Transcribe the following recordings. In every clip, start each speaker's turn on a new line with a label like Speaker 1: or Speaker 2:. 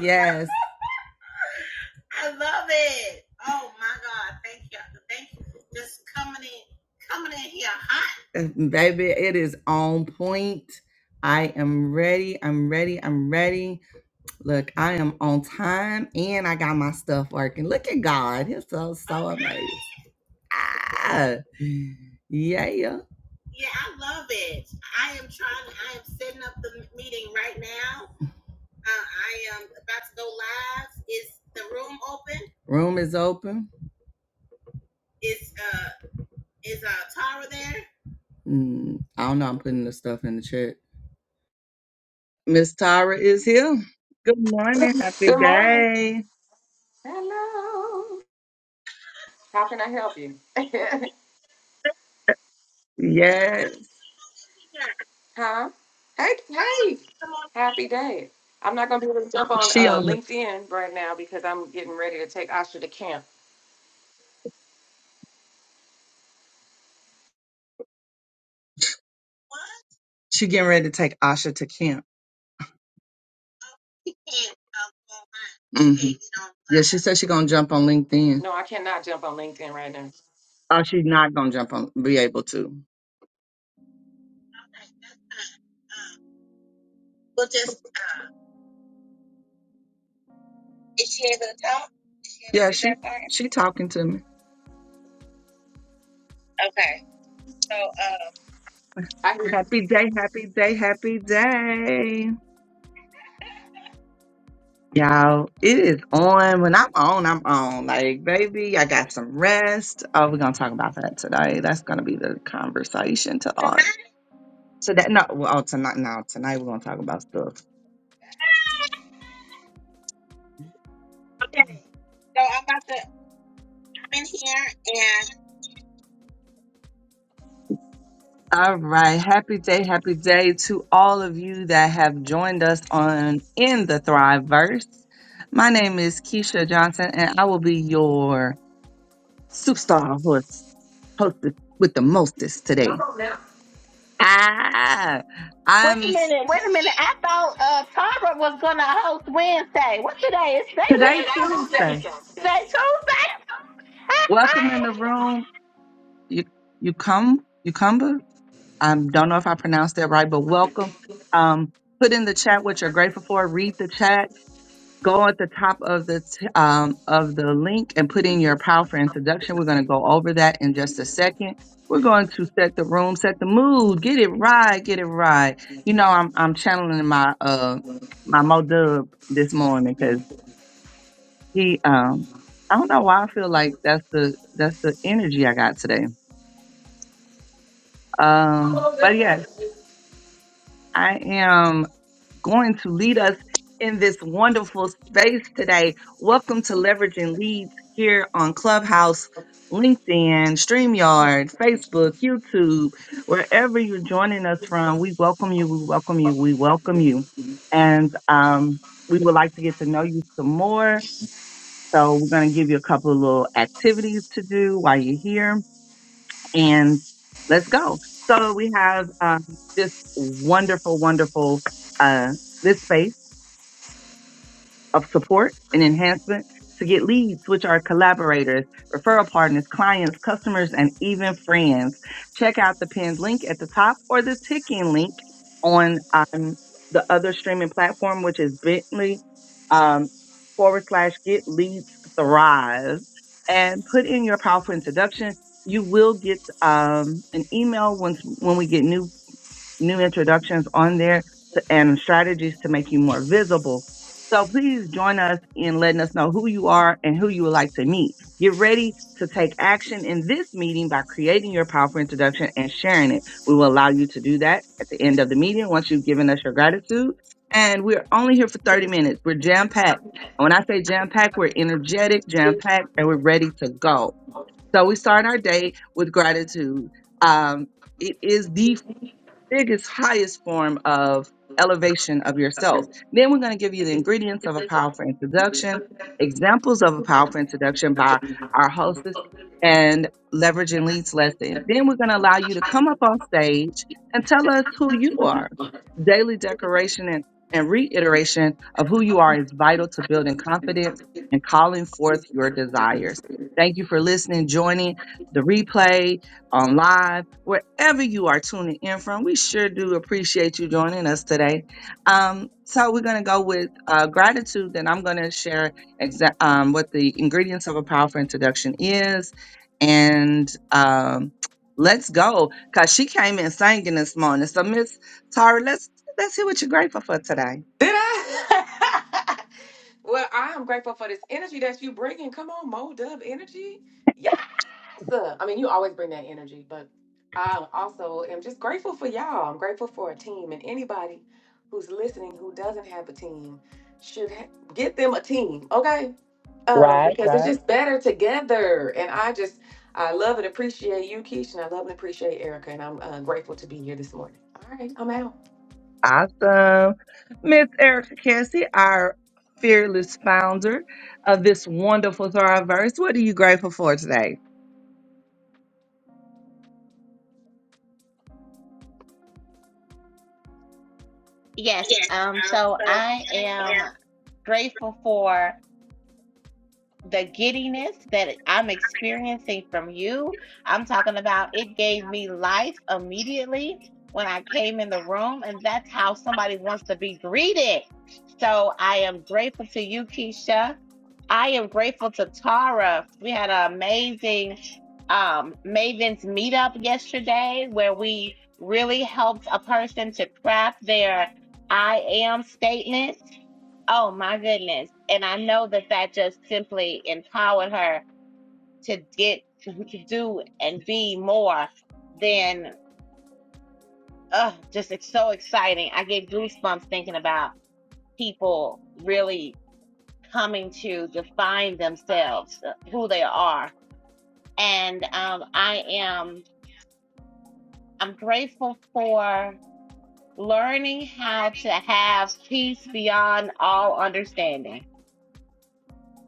Speaker 1: Yes, Uh, baby, it is on point. I am ready. I'm ready. I'm ready. Look, I am on time and I got my stuff working. Look at God. He's so, so amazing. Ah, yeah. yeah. Room is open. Mm, I don't know. I'm putting the stuff in the chat. Miss Tara is here. Good morning. Happy
Speaker 2: Good morning.
Speaker 1: day.
Speaker 2: Hello. How can I help you?
Speaker 1: Yes.
Speaker 2: huh? Hey, hey. Happy day. I'm not going to be able to jump on
Speaker 1: She on
Speaker 2: uh,
Speaker 1: the
Speaker 2: LinkedIn right now because I'm getting ready to take Asha to camp.
Speaker 1: She getting ready to take Asha to camp. hmm Yeah, she said she gonna jump on LinkedIn.
Speaker 2: No, I cannot jump on LinkedIn right now.
Speaker 1: Oh, she's not gonna jump on, be able to. Yeah, she she talking to me.
Speaker 2: I hear you.
Speaker 1: Happy day, happy day, happy day. Y'all, it is on. When I'm on, I'm on. Like, baby, I got some rest. Oh, we're gonna talk about that today. That's gonna be the conversation to all. So that no, well, oh, tonight now tonight we're gonna talk about stuff. All right, happy day, happy day to all of you that have joined us on in the Thriveverse. My name is Keisha Johnson, and I will be your superstar host, hostess with the mostest
Speaker 2: Come
Speaker 1: today.
Speaker 2: on now.
Speaker 1: Ah,
Speaker 3: Wait
Speaker 1: I'm
Speaker 3: a
Speaker 1: s-
Speaker 3: minute, wait a minute. I thought uh Tara was gonna host Wednesday. What today? Is today
Speaker 1: today
Speaker 2: Today is Tuesday.
Speaker 1: Tuesday.
Speaker 3: Wednesday? Today
Speaker 1: Welcome in the
Speaker 3: Tuesday?
Speaker 1: room. You you come you cumber. I don't know if I pronounced that right, but welcome. Um, put in the chat what you're grateful for. Read the chat go at the top of the t- um, of the link and put in your power for introduction. We're going to go over that in just a second. We're going to set the room, set the mood, get it right, get it right. You know, I'm I'm channeling my uh my Mo Dub this morning because he um I don't know why I feel like that's the that's the energy I got today.
Speaker 2: Come
Speaker 1: Um,
Speaker 2: on now.
Speaker 1: but yes, I am. going to lead us in this wonderful space today. Welcome to Leveraging Leads here on Clubhouse, LinkedIn, StreamYard, Facebook, YouTube, wherever you're joining us from. We welcome you, we welcome you, we welcome you. And um, we would like to get to know you some more. So we're going to give you a couple of little activities to do while you're here. And let's go. So we have um, this wonderful, wonderful uh, this space of support and enhancement to get leads, which are collaborators, referral partners, clients, customers, and even friends. Check out the pinned link at the top or the ticking link on um, the other streaming platform, which is bit.ly um, forward slash get leads thrive and put in your powerful introduction. You will get um, an email once when we get new new introductions on there to, and strategies to make you more visible. So please join us in letting us know who you are and who you would like to meet. Get ready to take action in this meeting by creating your powerful introduction and sharing it. We will allow you to do that at the end of the meeting once you've given us your gratitude. And we're only here for 30 minutes. We're jam packed. And when I say jam packed, we're energetic, jam packed, and we're ready to go. So we start our day with gratitude. Um, it is the biggest, highest form of elevation of yourself. Then we're going to give you the ingredients of a powerful introduction, examples of a powerful introduction by our hostess, and leverage and leads lesson. Then we're going to allow you to come up on stage and tell us who you are. Daily decoration and, and reiteration of who you are is vital to building confidence and calling forth your desires. Thank you for listening, joining the replay on live, wherever you are tuning in from. We sure do appreciate you joining us today. Um, so we're going to go with uh, gratitude. Then I'm going to share exa- um, what the ingredients of a powerful introduction is, and um, let's go because she came in singing this morning. So Miss Tara, let's let's hear what you're grateful for today.
Speaker 2: Did I? well, I am grateful for this energy that you bringing. Come on, Mo Dub Energy. Yeah. So, I mean, you always bring that energy, but I also am just grateful for y'all. I'm grateful for a team, and anybody who's listening who doesn't have a team should ha- get them a team, okay? Um,
Speaker 1: Right,
Speaker 2: because it's
Speaker 1: right.
Speaker 2: just better together. And I just, I love and appreciate you, Keisha, and I love and appreciate Erica, and I'm uh, grateful to be here this morning. All right, I'm out.
Speaker 1: Awesome. Miss Erica Cassie, our fearless founder of this wonderful Thriverse. What are you grateful for today?
Speaker 3: yes. Um so I am grateful for the giddiness that I'm experiencing from you. I'm talking about it gave me life immediately when I came in the room, and that's how somebody wants to be greeted. So I am grateful to you, Keisha. I am grateful to Tara. We had an amazing um, Mavens meetup yesterday where we really helped a person to craft their I am statement. Oh my goodness. And I know that that just simply empowered her to get, to do and be more than, uh, just it's so exciting. I get goosebumps thinking about people really coming to define themselves, uh, who they are and um, I am I'm grateful for learning how to have peace beyond all understanding.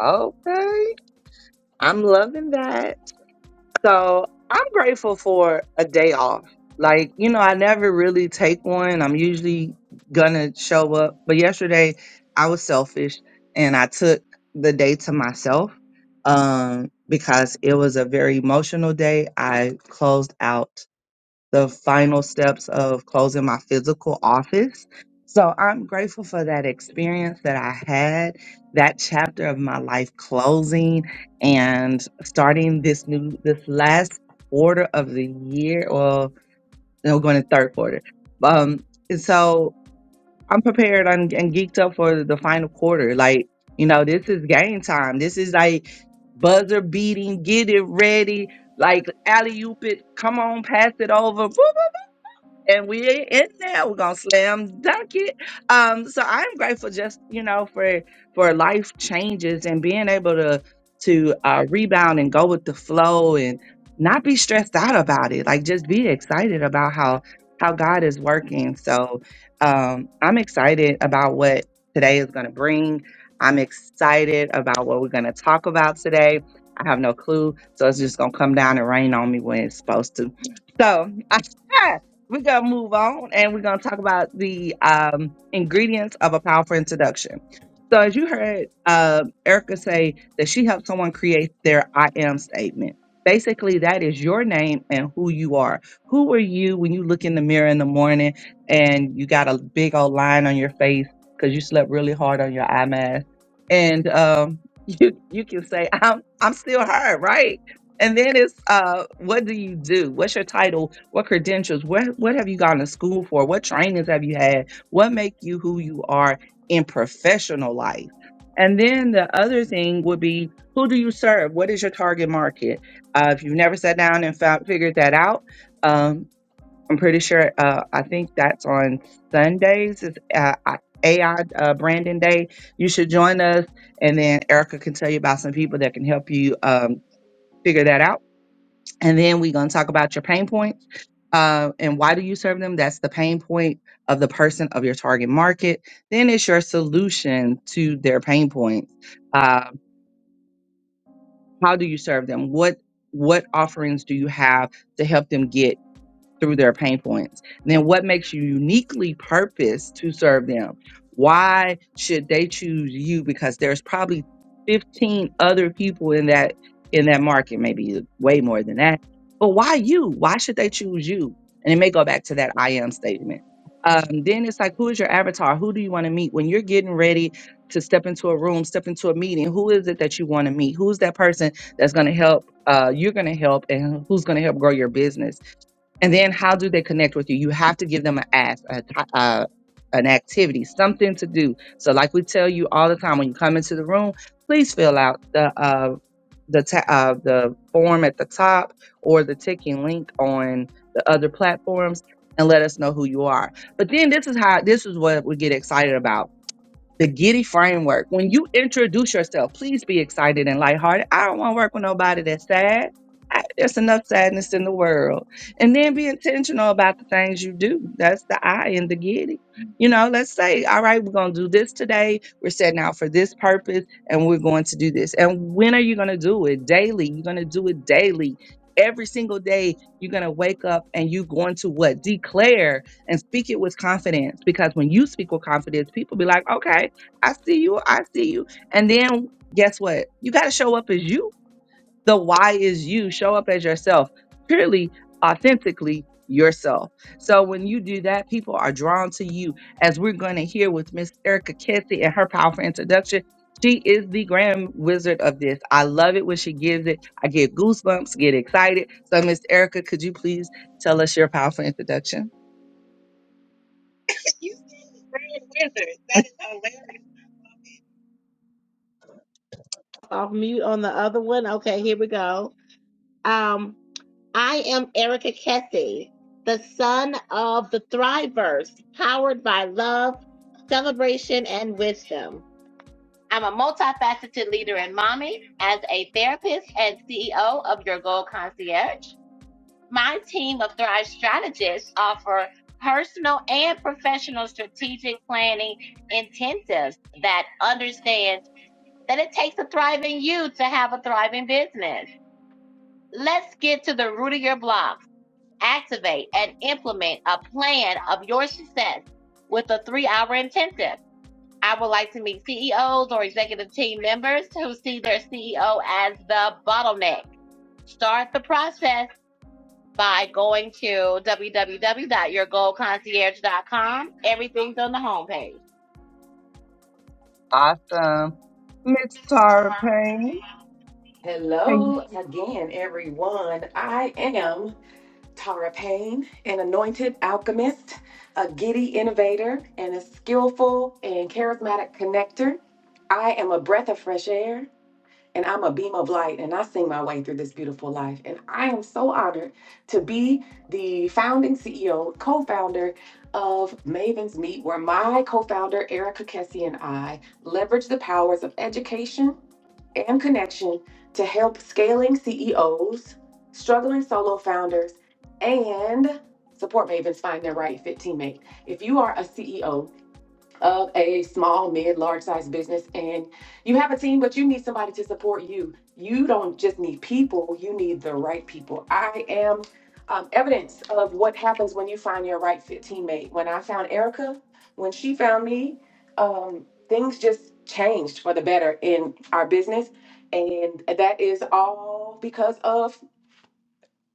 Speaker 1: Okay. I'm loving that. So I'm grateful for a day off. Like, you know, I never really take one. I'm usually gonna show up. But yesterday I was selfish and I took the day to myself um because it was a very emotional day. I closed out the final steps of closing my physical office. So I'm grateful for that experience that I had, that chapter of my life closing and starting this new, this last quarter of the year. Well, no, we're going to third quarter. Um, and so I'm prepared and, and geeked up for the final quarter. Like, you know, this is game time. This is like buzzer beating, get it ready, like alley oop it, come on, pass it over. Woo! and we ain't in there. We're gonna slam dunk it. Um, so I'm grateful just you know for for life changes and being able to to uh, rebound and go with the flow and not be stressed out about it. Like just be excited about how how God is working. So um, I'm excited about what today is gonna bring. I'm excited about what we're gonna talk about today. I have no clue, so it's just gonna come down and rain on me when it's supposed to. So we're gonna move on and we're gonna talk about the um, ingredients of a powerful introduction. So, as you heard uh, Erica say that she helped someone create their I am statement. Basically, that is your name and who you are. Who are you when you look in the mirror in the morning and you got a big old line on your face because you slept really hard on your eye mask, and um, you you can say, "I'm I'm still her," right? And then it's uh, what do you do? What's your title? What credentials? What what have you gone to school for? What trainings have you had? What make you who you are in professional life? And then the other thing would be who do you serve? What is your target market? Uh, if you've never sat down and found, figured that out, um, I'm pretty sure. Uh, I think that's on Sundays. It's uh, I- AI uh, Branding Day. You should join us, and then Erica can tell you about some people that can help you um, figure that out and then we're going to talk about your pain points uh, and why do you serve them that's the pain point of the person of your target market then it's your solution to their pain points uh, how do you serve them what what offerings do you have to help them get through their pain points. Then what makes you uniquely purposed to serve them? Why should they choose you? Because there's probably 15 other people in that in that market, maybe way more than that. But why you? Why should they choose you? And it may go back to that I am statement. Um, then it's like, who is your avatar? Who do you want to meet when you're getting ready to step into a room, step into a meeting? Who is it that you want to meet? Who's that person that's going to help? Uh, you're going to help, and who's going to help grow your business? And then how do they connect with you? You have to give them an ask, a, t- uh, an activity, something to do. So like we tell you all the time when you come into the room, please fill out the uh, the ta- uh, the form at the top or the ticking link on the other platforms and let us know who you are. But then this is how this is what we get excited about the Giddy framework. When you introduce yourself, please be excited and lighthearted. I don't want to work with nobody that's sad. I, there's enough sadness in the world. And then be intentional about the things you do. That's the I in the Giddy. You know, let's say, all right, we're going to do this today. We're setting out for this purpose and we're going to do this. And when are you going to do it? Daily. You're going to do it daily. Every single day, you're going to wake up and you're going to what? Declare and speak it with confidence because when you speak with confidence people be like okay I see you. I see you. And then guess what? You got to show up as you. The why is you. Show up as yourself, purely, authentically yourself. So when you do that, people are drawn to you, as we're going to hear with Miss Erica Kessie and her powerful introduction. She is the grand wizard of this. I love it when she gives it. I get goosebumps, get excited. So, Miss Erica, could you please tell us your powerful introduction?
Speaker 3: Off mute on the other one. Okay, here we go. Um, I am Erica Kessie, the son of the Thriverse, powered by love, celebration, and wisdom. I'm a multifaceted leader and mommy, as a therapist and CEO of Your Goal Concierge. My team of Thrive strategists offer personal and professional strategic planning intensives that understands that it takes a thriving you to have a thriving business. Let's get to the root of your blocks. Activate and implement a plan of your success with a three hour intensive. I would like to meet CEOs or executive team members who see their CEO as the bottleneck. Start the process by going to www.yourgoldconcierge.com. Everything's on the homepage.
Speaker 1: Awesome. Miss Tara Payne. can
Speaker 2: Hello again, everyone. I am. Tara Payne, an anointed alchemist, a giddy innovator, and a skillful and charismatic connector. I am a breath of fresh air and I'm a beam of light and I sing my way through this beautiful life. And I am so honored to be the founding CEO, co founder of Maven's Meet, where my co founder, Erica Kessie, and I leverage the powers of education and connection to help scaling CEOs, struggling solo founders, and support Mavens find their right fit teammate. If you are a CEO, of a small, mid, large size business and you have a team, but you need somebody to support you. You don't just need people, you need the right people. I am um, evidence of what happens when you find your right fit teammate. When I found Erica, when she found me, um, things just changed for the better in our business. And that is all because of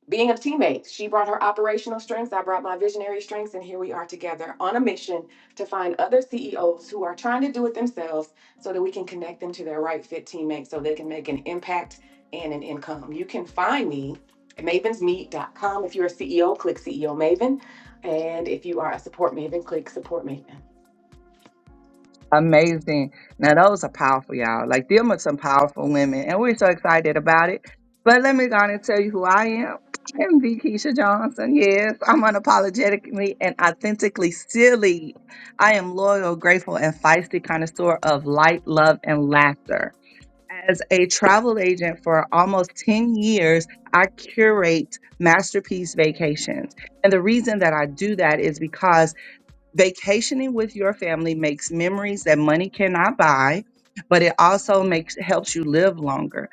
Speaker 2: being a teammate. She brought her operational strengths, I brought my visionary strengths, and here we are together on a mission to find other CEOs who are trying to do it themselves so that we can connect them to their right fit teammates so they can make an impact and an income. You can find me at mavens meet dot com. If you're a CEO, click CEO Maven. And if you are a support Maven, click support Maven.
Speaker 1: Amazing. Now those are powerful, y'all. Like them are some powerful women, and we're so excited about it. But let me go on and tell you who I am. I am the Keisha Johnson. Yes, I'm unapologetically and authentically silly. I am loyal, grateful, and feisty connoisseur of light, love, and laughter. As a travel agent for almost 10 years, I curate masterpiece vacations. And the reason that I do that is because Vacationing with your family makes memories that money cannot buy, but it also makes helps you live longer.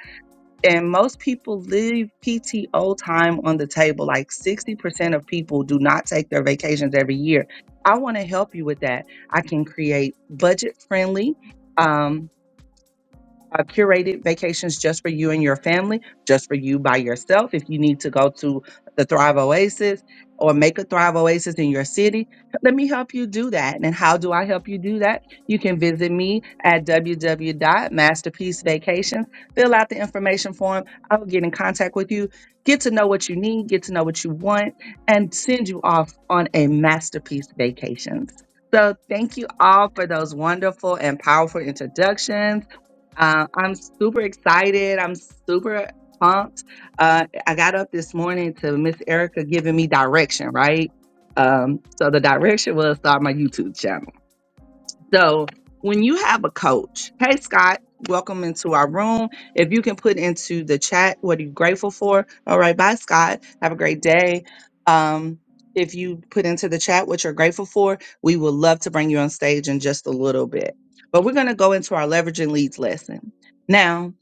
Speaker 1: And most people leave PTO time on the table. Like 60% of people do not take their vacations every year. I want to help you with that. I can create budget friendly. um, uh, curated vacations just for you and your family, just for you by yourself. If you need to go to the Thrive Oasis or make a Thrive Oasis in your city, let me help you do that. And how do I help you do that? You can visit me at www.masterpiecevacations. Fill out the information form. I'll get in contact with you, get to know what you need, get to know what you want, and send you off on a masterpiece vacations. So, thank you all for those wonderful and powerful introductions. Uh, I'm super excited. I'm super pumped. Uh, I got up this morning to Miss Erica giving me direction, right? Um, so the direction was start my YouTube channel. So when you have a coach, hey Scott, welcome into our room. If you can put into the chat what are you grateful for? All right, bye Scott. Have a great day. Um, if you put into the chat what you're grateful for, we would love to bring you on stage in just a little bit. But we're going to go into our leveraging leads lesson. Now,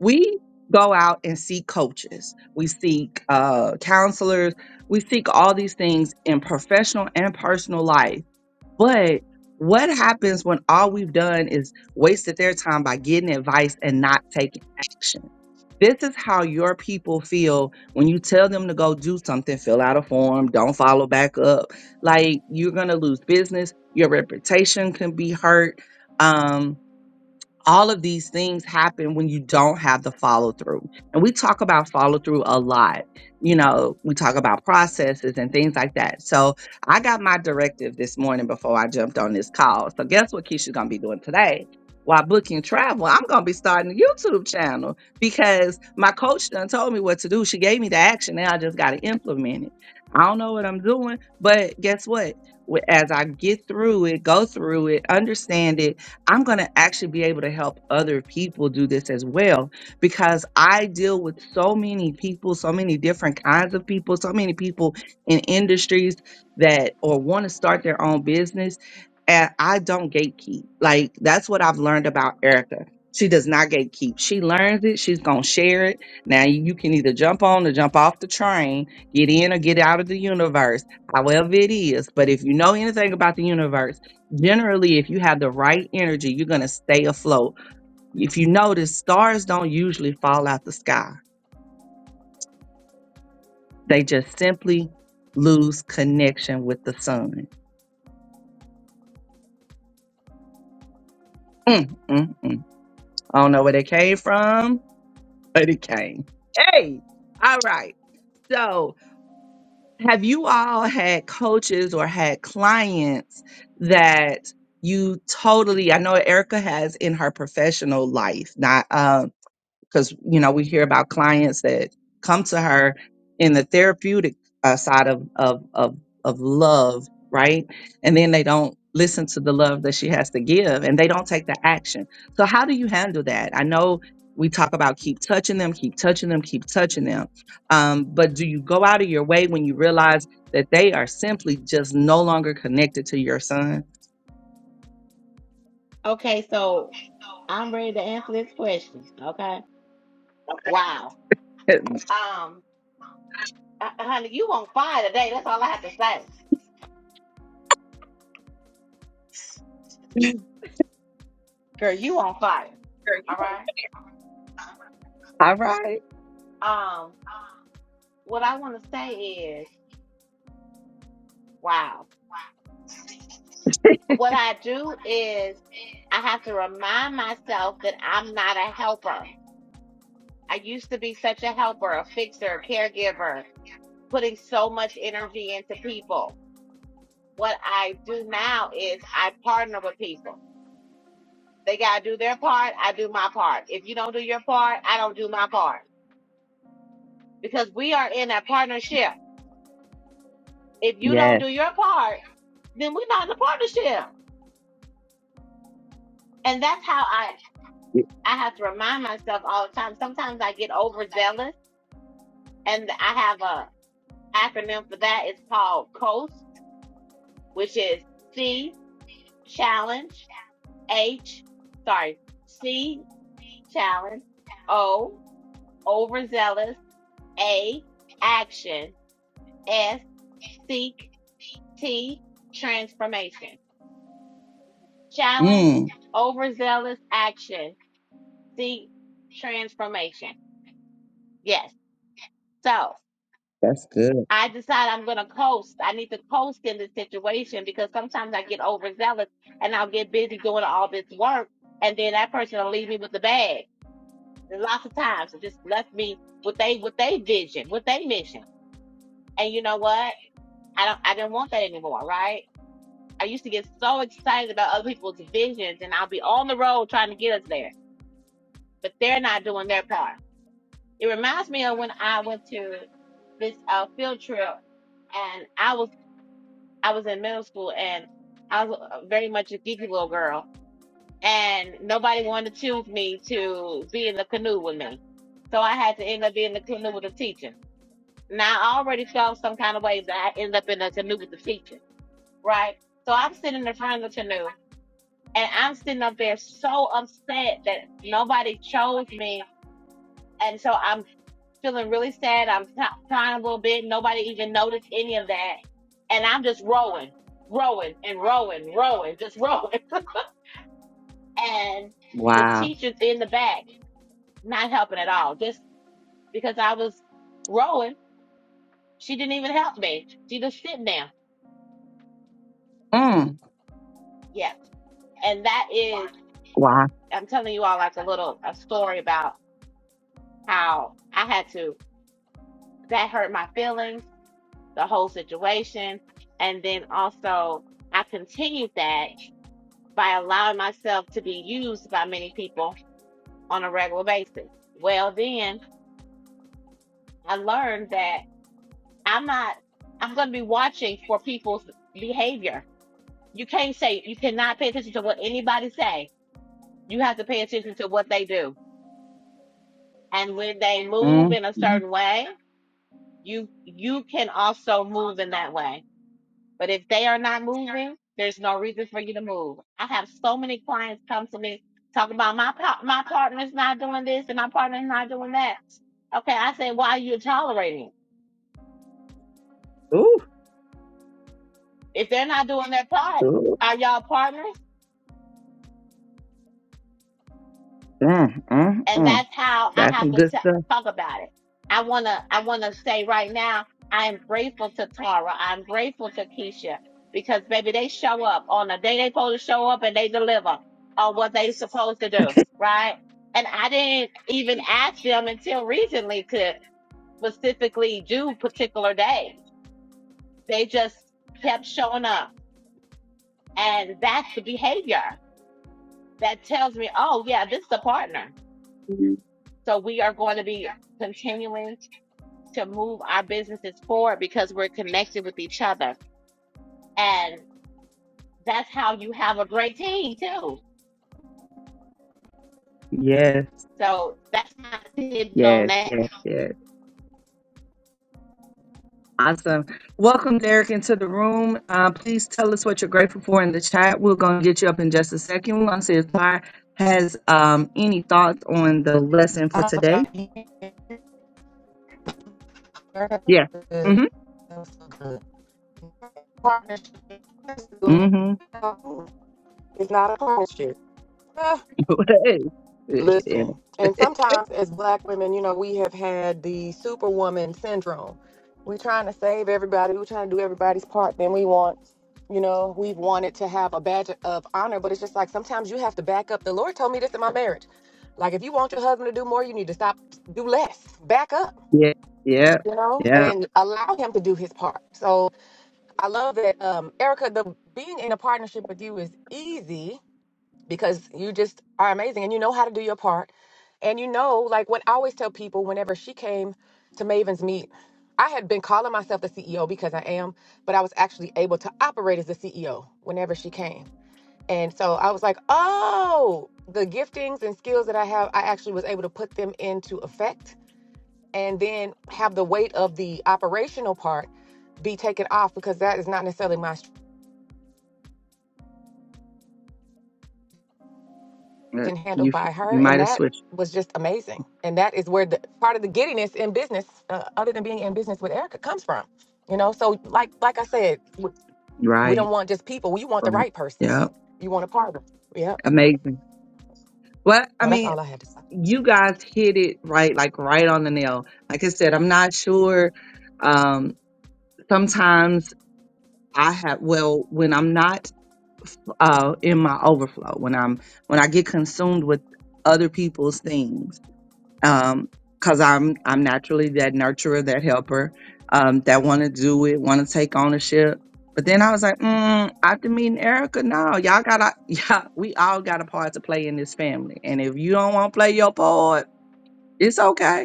Speaker 1: we go out and seek coaches, we seek uh, counselors, we seek all these things in professional and personal life but what happens when all we've done is wasted their time by getting advice and not taking action? This is how your people feel when you tell them to go do something, fill out a form, don't follow back up. Like you're going to lose business, your reputation can be hurt. Um, all of these things happen when you don't have the follow through. And we talk about follow through a lot. You know, we talk about processes and things like that. So I got my directive this morning before I jumped on this call. So guess what Keisha's gonna be doing today? While booking travel, I'm gonna be starting a YouTube channel because my coach done told me what to do. She gave me the action. Now I just gotta implement it. I don't know what I'm doing, but guess what? Wh- As I get through it, go through it, understand it, I'm going to actually be able to help other people do this as well because I deal with so many people, so many different kinds of people, so many people in industries that or want to start their own business. And I don't gatekeep. Like that's what I've learned about Erica. She does not gatekeep. She learns it. She's going to share it. Now you can either jump on or jump off the train, get in or get out of the universe, however it is. But if you know anything about the universe, generally if you have the right energy you're going to stay afloat if you notice stars don't usually fall out the sky they just simply lose connection with the sun mm, mm, mm. i don't know where they came from but it came hey all right so have you all had coaches or had clients that you totally i know erica has in her professional life not um, because you know we hear about clients that come to her in the therapeutic uh, side of, of of of love right and then they don't listen to the love that she has to give and they don't take the action so how do you handle that i know we talk about keep touching them keep touching them keep touching them um, but do you go out of your way when you realize that they are simply just no longer connected to your son
Speaker 3: Okay, so I'm ready to answer this question. Okay. Wow. Um, uh, honey, you on fire today. That's all I have to say. Girl, you on fire. All right.
Speaker 1: all right
Speaker 3: Um, what I want to say is, wow. What I do is I have to remind myself that I'm not a helper. I used to be such a helper, a fixer, a caregiver. putting so much energy into people. What I do now is I partner with people. They got to do their part. I do my part. If you don't do your part, I don't do my part because we are in a partnership. If you don't
Speaker 1: yes
Speaker 3: do your part, then we're not in a partnership. And that's how I, I have to remind myself all the time. Sometimes I get overzealous and I have a acronym for that. It's called COAST, which is C, challenge, H, sorry, C challenge. O, overzealous. A, action. S, seek. T, transformation. Challenge,
Speaker 1: Mm,
Speaker 3: overzealous, action. Seek, transformation. Yes. So
Speaker 1: that's good
Speaker 3: I decide I'm going to coast. I need to coast in this situation because sometimes I get overzealous and I'll get busy doing all this work. And then that person will leave me with the bag. There's Lots of times, it just left me with they with they vision, with they mission. And you know what? I don't I didn't want that anymore, right? I used to get so excited about other people's visions and I'll be on the road trying to get us there. But they're not doing their part. It reminds me of when I went to this uh, field trip and I was I was in middle school and I was uh, very much a geeky little girl and nobody wanted to choose me to be in the canoe with me. So I had to end up being in the canoe with a teacher. Now I already felt some kind of way that I ended up in a canoe with the teacher, right? So I'm sitting in the front of the canoe And I'm sitting up there so upset that nobody chose me. And so I'm feeling really sad. I'm t- crying a little bit. Nobody even noticed any of that. And I'm just rowing, rowing and rowing, rowing, just rowing. And the
Speaker 1: wow
Speaker 3: teacher's in the back, not helping at all. Just because I was rowing, she didn't even help me. She just sitting there.
Speaker 1: Mm.
Speaker 3: Yeah. And that is,
Speaker 1: Wow!
Speaker 3: I'm telling you all like a little, a story about how I had to, that hurt my feelings the whole situation. And then also, I continued that by allowing myself to be used by many people on a regular basis. Well, then I learned that I'm not, I'm going to be watching for people's behavior. You can't say, you cannot pay attention to what anybody say. You have to pay attention to what they do. And when they move
Speaker 1: Mm,
Speaker 3: in a certain way, you, you can also move in that way But if they are not moving, there's no reason for you to move. I have so many clients come to me talking about my pa- my partner's not doing this and my partner's not doing that. Okay, I say, why are you tolerating?
Speaker 1: ooh,
Speaker 3: If they're not doing their part,
Speaker 1: ooh,
Speaker 3: are y'all partners?
Speaker 1: mm, mm,
Speaker 3: and
Speaker 1: mm.
Speaker 3: that's how I
Speaker 1: That's
Speaker 3: have
Speaker 1: some
Speaker 3: to
Speaker 1: good
Speaker 3: t-
Speaker 1: stuff.
Speaker 3: talk about it. I wanna, I wanna say right now, I am grateful to Tara. I'm grateful to Keisha because baby, they show up on the day they supposed to show up and they deliver on what they supposed to do, right? And I didn't even ask them until recently to specifically do particular days. They just kept showing up, and that's the behavior that tells me, oh yeah, this is a partner. So we are going to be continuing to move our businesses forward because we're connected with each other. And that's how you have a great team too.
Speaker 1: Yes,
Speaker 3: So that's my hidden on
Speaker 1: yes,
Speaker 3: that
Speaker 1: yes, yes. Awesome. Welcome, Derek, into the room. Uh, please tell us what you're grateful for in the chat. We're going to get you up in just a second. We're going to see if Ty has um, any thoughts on the lesson for
Speaker 2: Oh,
Speaker 1: today.
Speaker 2: that was
Speaker 1: Yeah.
Speaker 2: good.
Speaker 1: Mm-hmm.
Speaker 2: That was so good. Partnership is good.
Speaker 1: Mm-hmm.
Speaker 2: It's not a partnership. Ah,
Speaker 1: yeah,
Speaker 2: Listen, and sometimes as black women, you know, we have had the superwoman syndrome. We're trying to save everybody. We're trying to do everybody's part. Then we want, you know, we've wanted to have a badge of honor, but it's just like sometimes you have to back up. The Lord told me this in my marriage. Like, if you want your husband to do more, you need to stop, do less, back up,
Speaker 1: yeah, yeah.
Speaker 2: you know,
Speaker 1: Yeah.
Speaker 2: and allow him to do his part. So I love that, um, Erica, the being in a partnership with you is easy because you just are amazing and you know how to do your part. And you know, like what I always tell people, whenever she came to Maven's meet, I had been calling myself the CEO because I am, but I was actually able to operate as the CEO whenever she came. And so I was like, oh, the giftings and skills that I have, I actually was able to put them into effect and then have the weight of the operational part be taken off because that is not necessarily my
Speaker 1: Uh,
Speaker 2: and handled
Speaker 1: You
Speaker 2: by
Speaker 1: you
Speaker 2: her
Speaker 1: might
Speaker 2: and
Speaker 1: have
Speaker 2: that
Speaker 1: switched.
Speaker 2: was just amazing and that is where the part of the giddiness in business uh, other than being in business with erica comes from you know so like like i said we, we
Speaker 1: Right.
Speaker 2: don't want just people we want the
Speaker 1: Right.
Speaker 2: right person
Speaker 1: Yeah.
Speaker 2: you want a partner yep
Speaker 1: Amazing. Well, I
Speaker 2: no that's
Speaker 1: mean,
Speaker 2: all i had to say
Speaker 1: you guys hit it right, like right on the nail. Like I said, I'm not sure. Um, sometimes I have well, when I'm not uh, in my overflow, when I'm when I get consumed with other people's things, um, because I'm I'm naturally that nurturer, that helper, um, that want to do it, want to take ownership. But then I was like, mm, after meeting Erica, no, y'all gotta, yeah, we all got a part to play in this family. And if you don't want to play your part, it's okay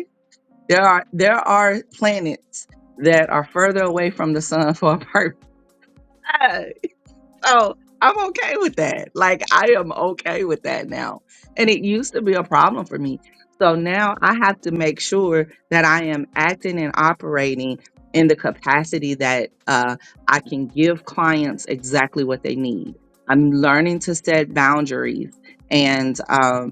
Speaker 1: There are there are planets that are further away from the sun for a purpose. So I'm okay with that. Like I am okay with that now. And it used to be a problem for me. So now I have to make sure that I am acting and operating in the capacity that uh, I can give clients exactly what they need. I'm learning to set boundaries and um,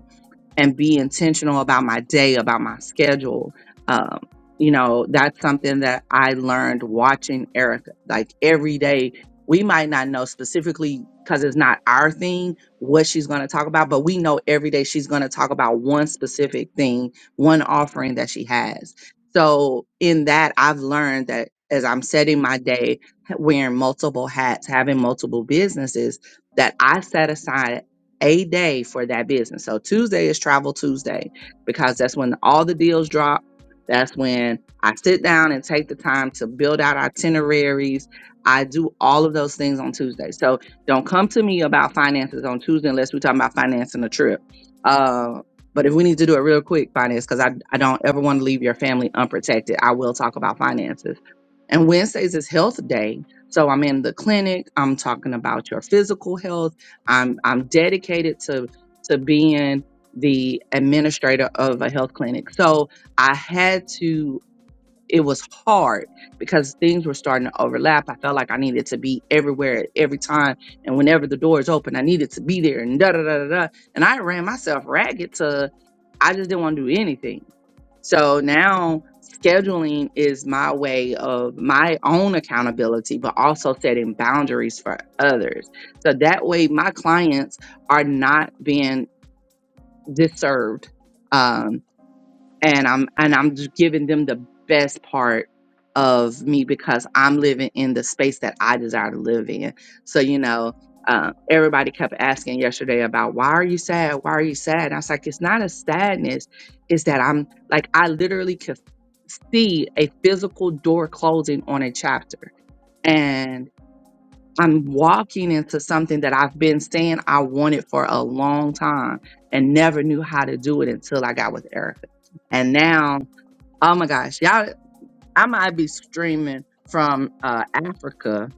Speaker 1: and be intentional about my day, about my schedule. Um, you know, that's something that I learned watching Erica. Like every day, we might not know specifically because it's not our thing what she's going to talk about, but we know every day she's going to talk about one specific thing, one offering that she has. So, in that, I've learned that as I'm setting my day, wearing multiple hats, having multiple businesses, that I set aside a day for that business. So Tuesday is Travel Tuesday because that's when all the deals drop. That's when I sit down and take the time to build out itineraries. I do all of those things on Tuesday. So don't come to me about finances on Tuesday unless we're talking about financing a trip. Uh, but if we need to do it real quick, finance, because I, I don't ever want to leave your family unprotected, I will talk about finances. And Wednesdays is health day. So I'm in the clinic. I'm talking about your physical health. I'm I'm dedicated to to being the administrator of a health clinic. So I had to it was hard because things were starting to overlap. I felt like I needed to be everywhere at every time and whenever the doors open I needed to be there and da da da da. da. And I ran myself ragged to I just didn't want to do anything. So now scheduling is my way of my own accountability, but also setting boundaries for others. So that way, my clients are not being disserved. Um, and I'm and I'm just giving them the best part of me because I'm living in the space that I desire to live in. So you know, uh, everybody kept asking yesterday about why are you sad? Why are you sad? And I was like, it's not a sadness. It's that I'm like I literally could see a physical door closing on a chapter, and I'm walking into something that I've been saying I wanted for a long time and never knew how to do it until I got with Erica. And now Oh my gosh, y'all! I might be streaming from uh, Africa,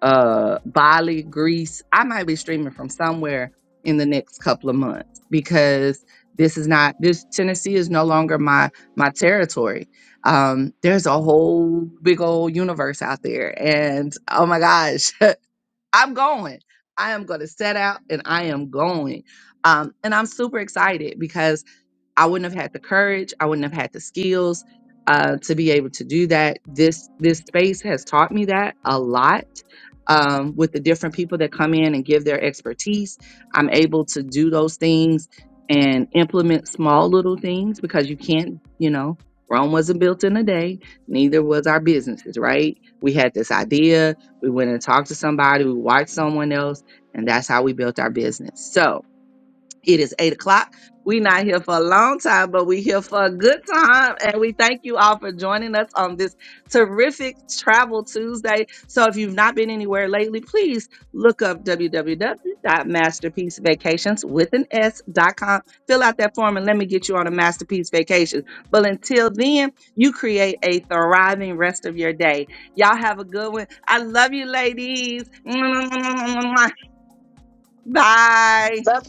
Speaker 1: uh, Bali, Greece. I might be streaming from somewhere in the next couple of months because this is not this Tennessee is no longer my my territory. Um, there's a whole big old universe out there, and oh my gosh, I'm going. I am going to set out, and I am going. Um, and I'm super excited because I wouldn't have had the courage. I wouldn't have had the skills uh, to be able to do that. This this space has taught me that a lot. Um, with the different people that come in and give their expertise, I'm able to do those things and implement small little things because you can't, you know, Rome wasn't built in a day. Neither was our businesses, right? We had this idea. We went and talked to somebody. We watched someone else, and that's how we built our business. So it is eight o'clock. we not here for a long time, but we here for a good time. And we thank you all for joining us on this terrific Travel Tuesday. So if you've not been anywhere lately, please look up www.masterpiecevacations with an S.com. Fill out that form and let me get you on a masterpiece vacation. But until then, you create a thriving rest of your day. Y'all have a good one. I love you, ladies. Bye.
Speaker 2: Love you.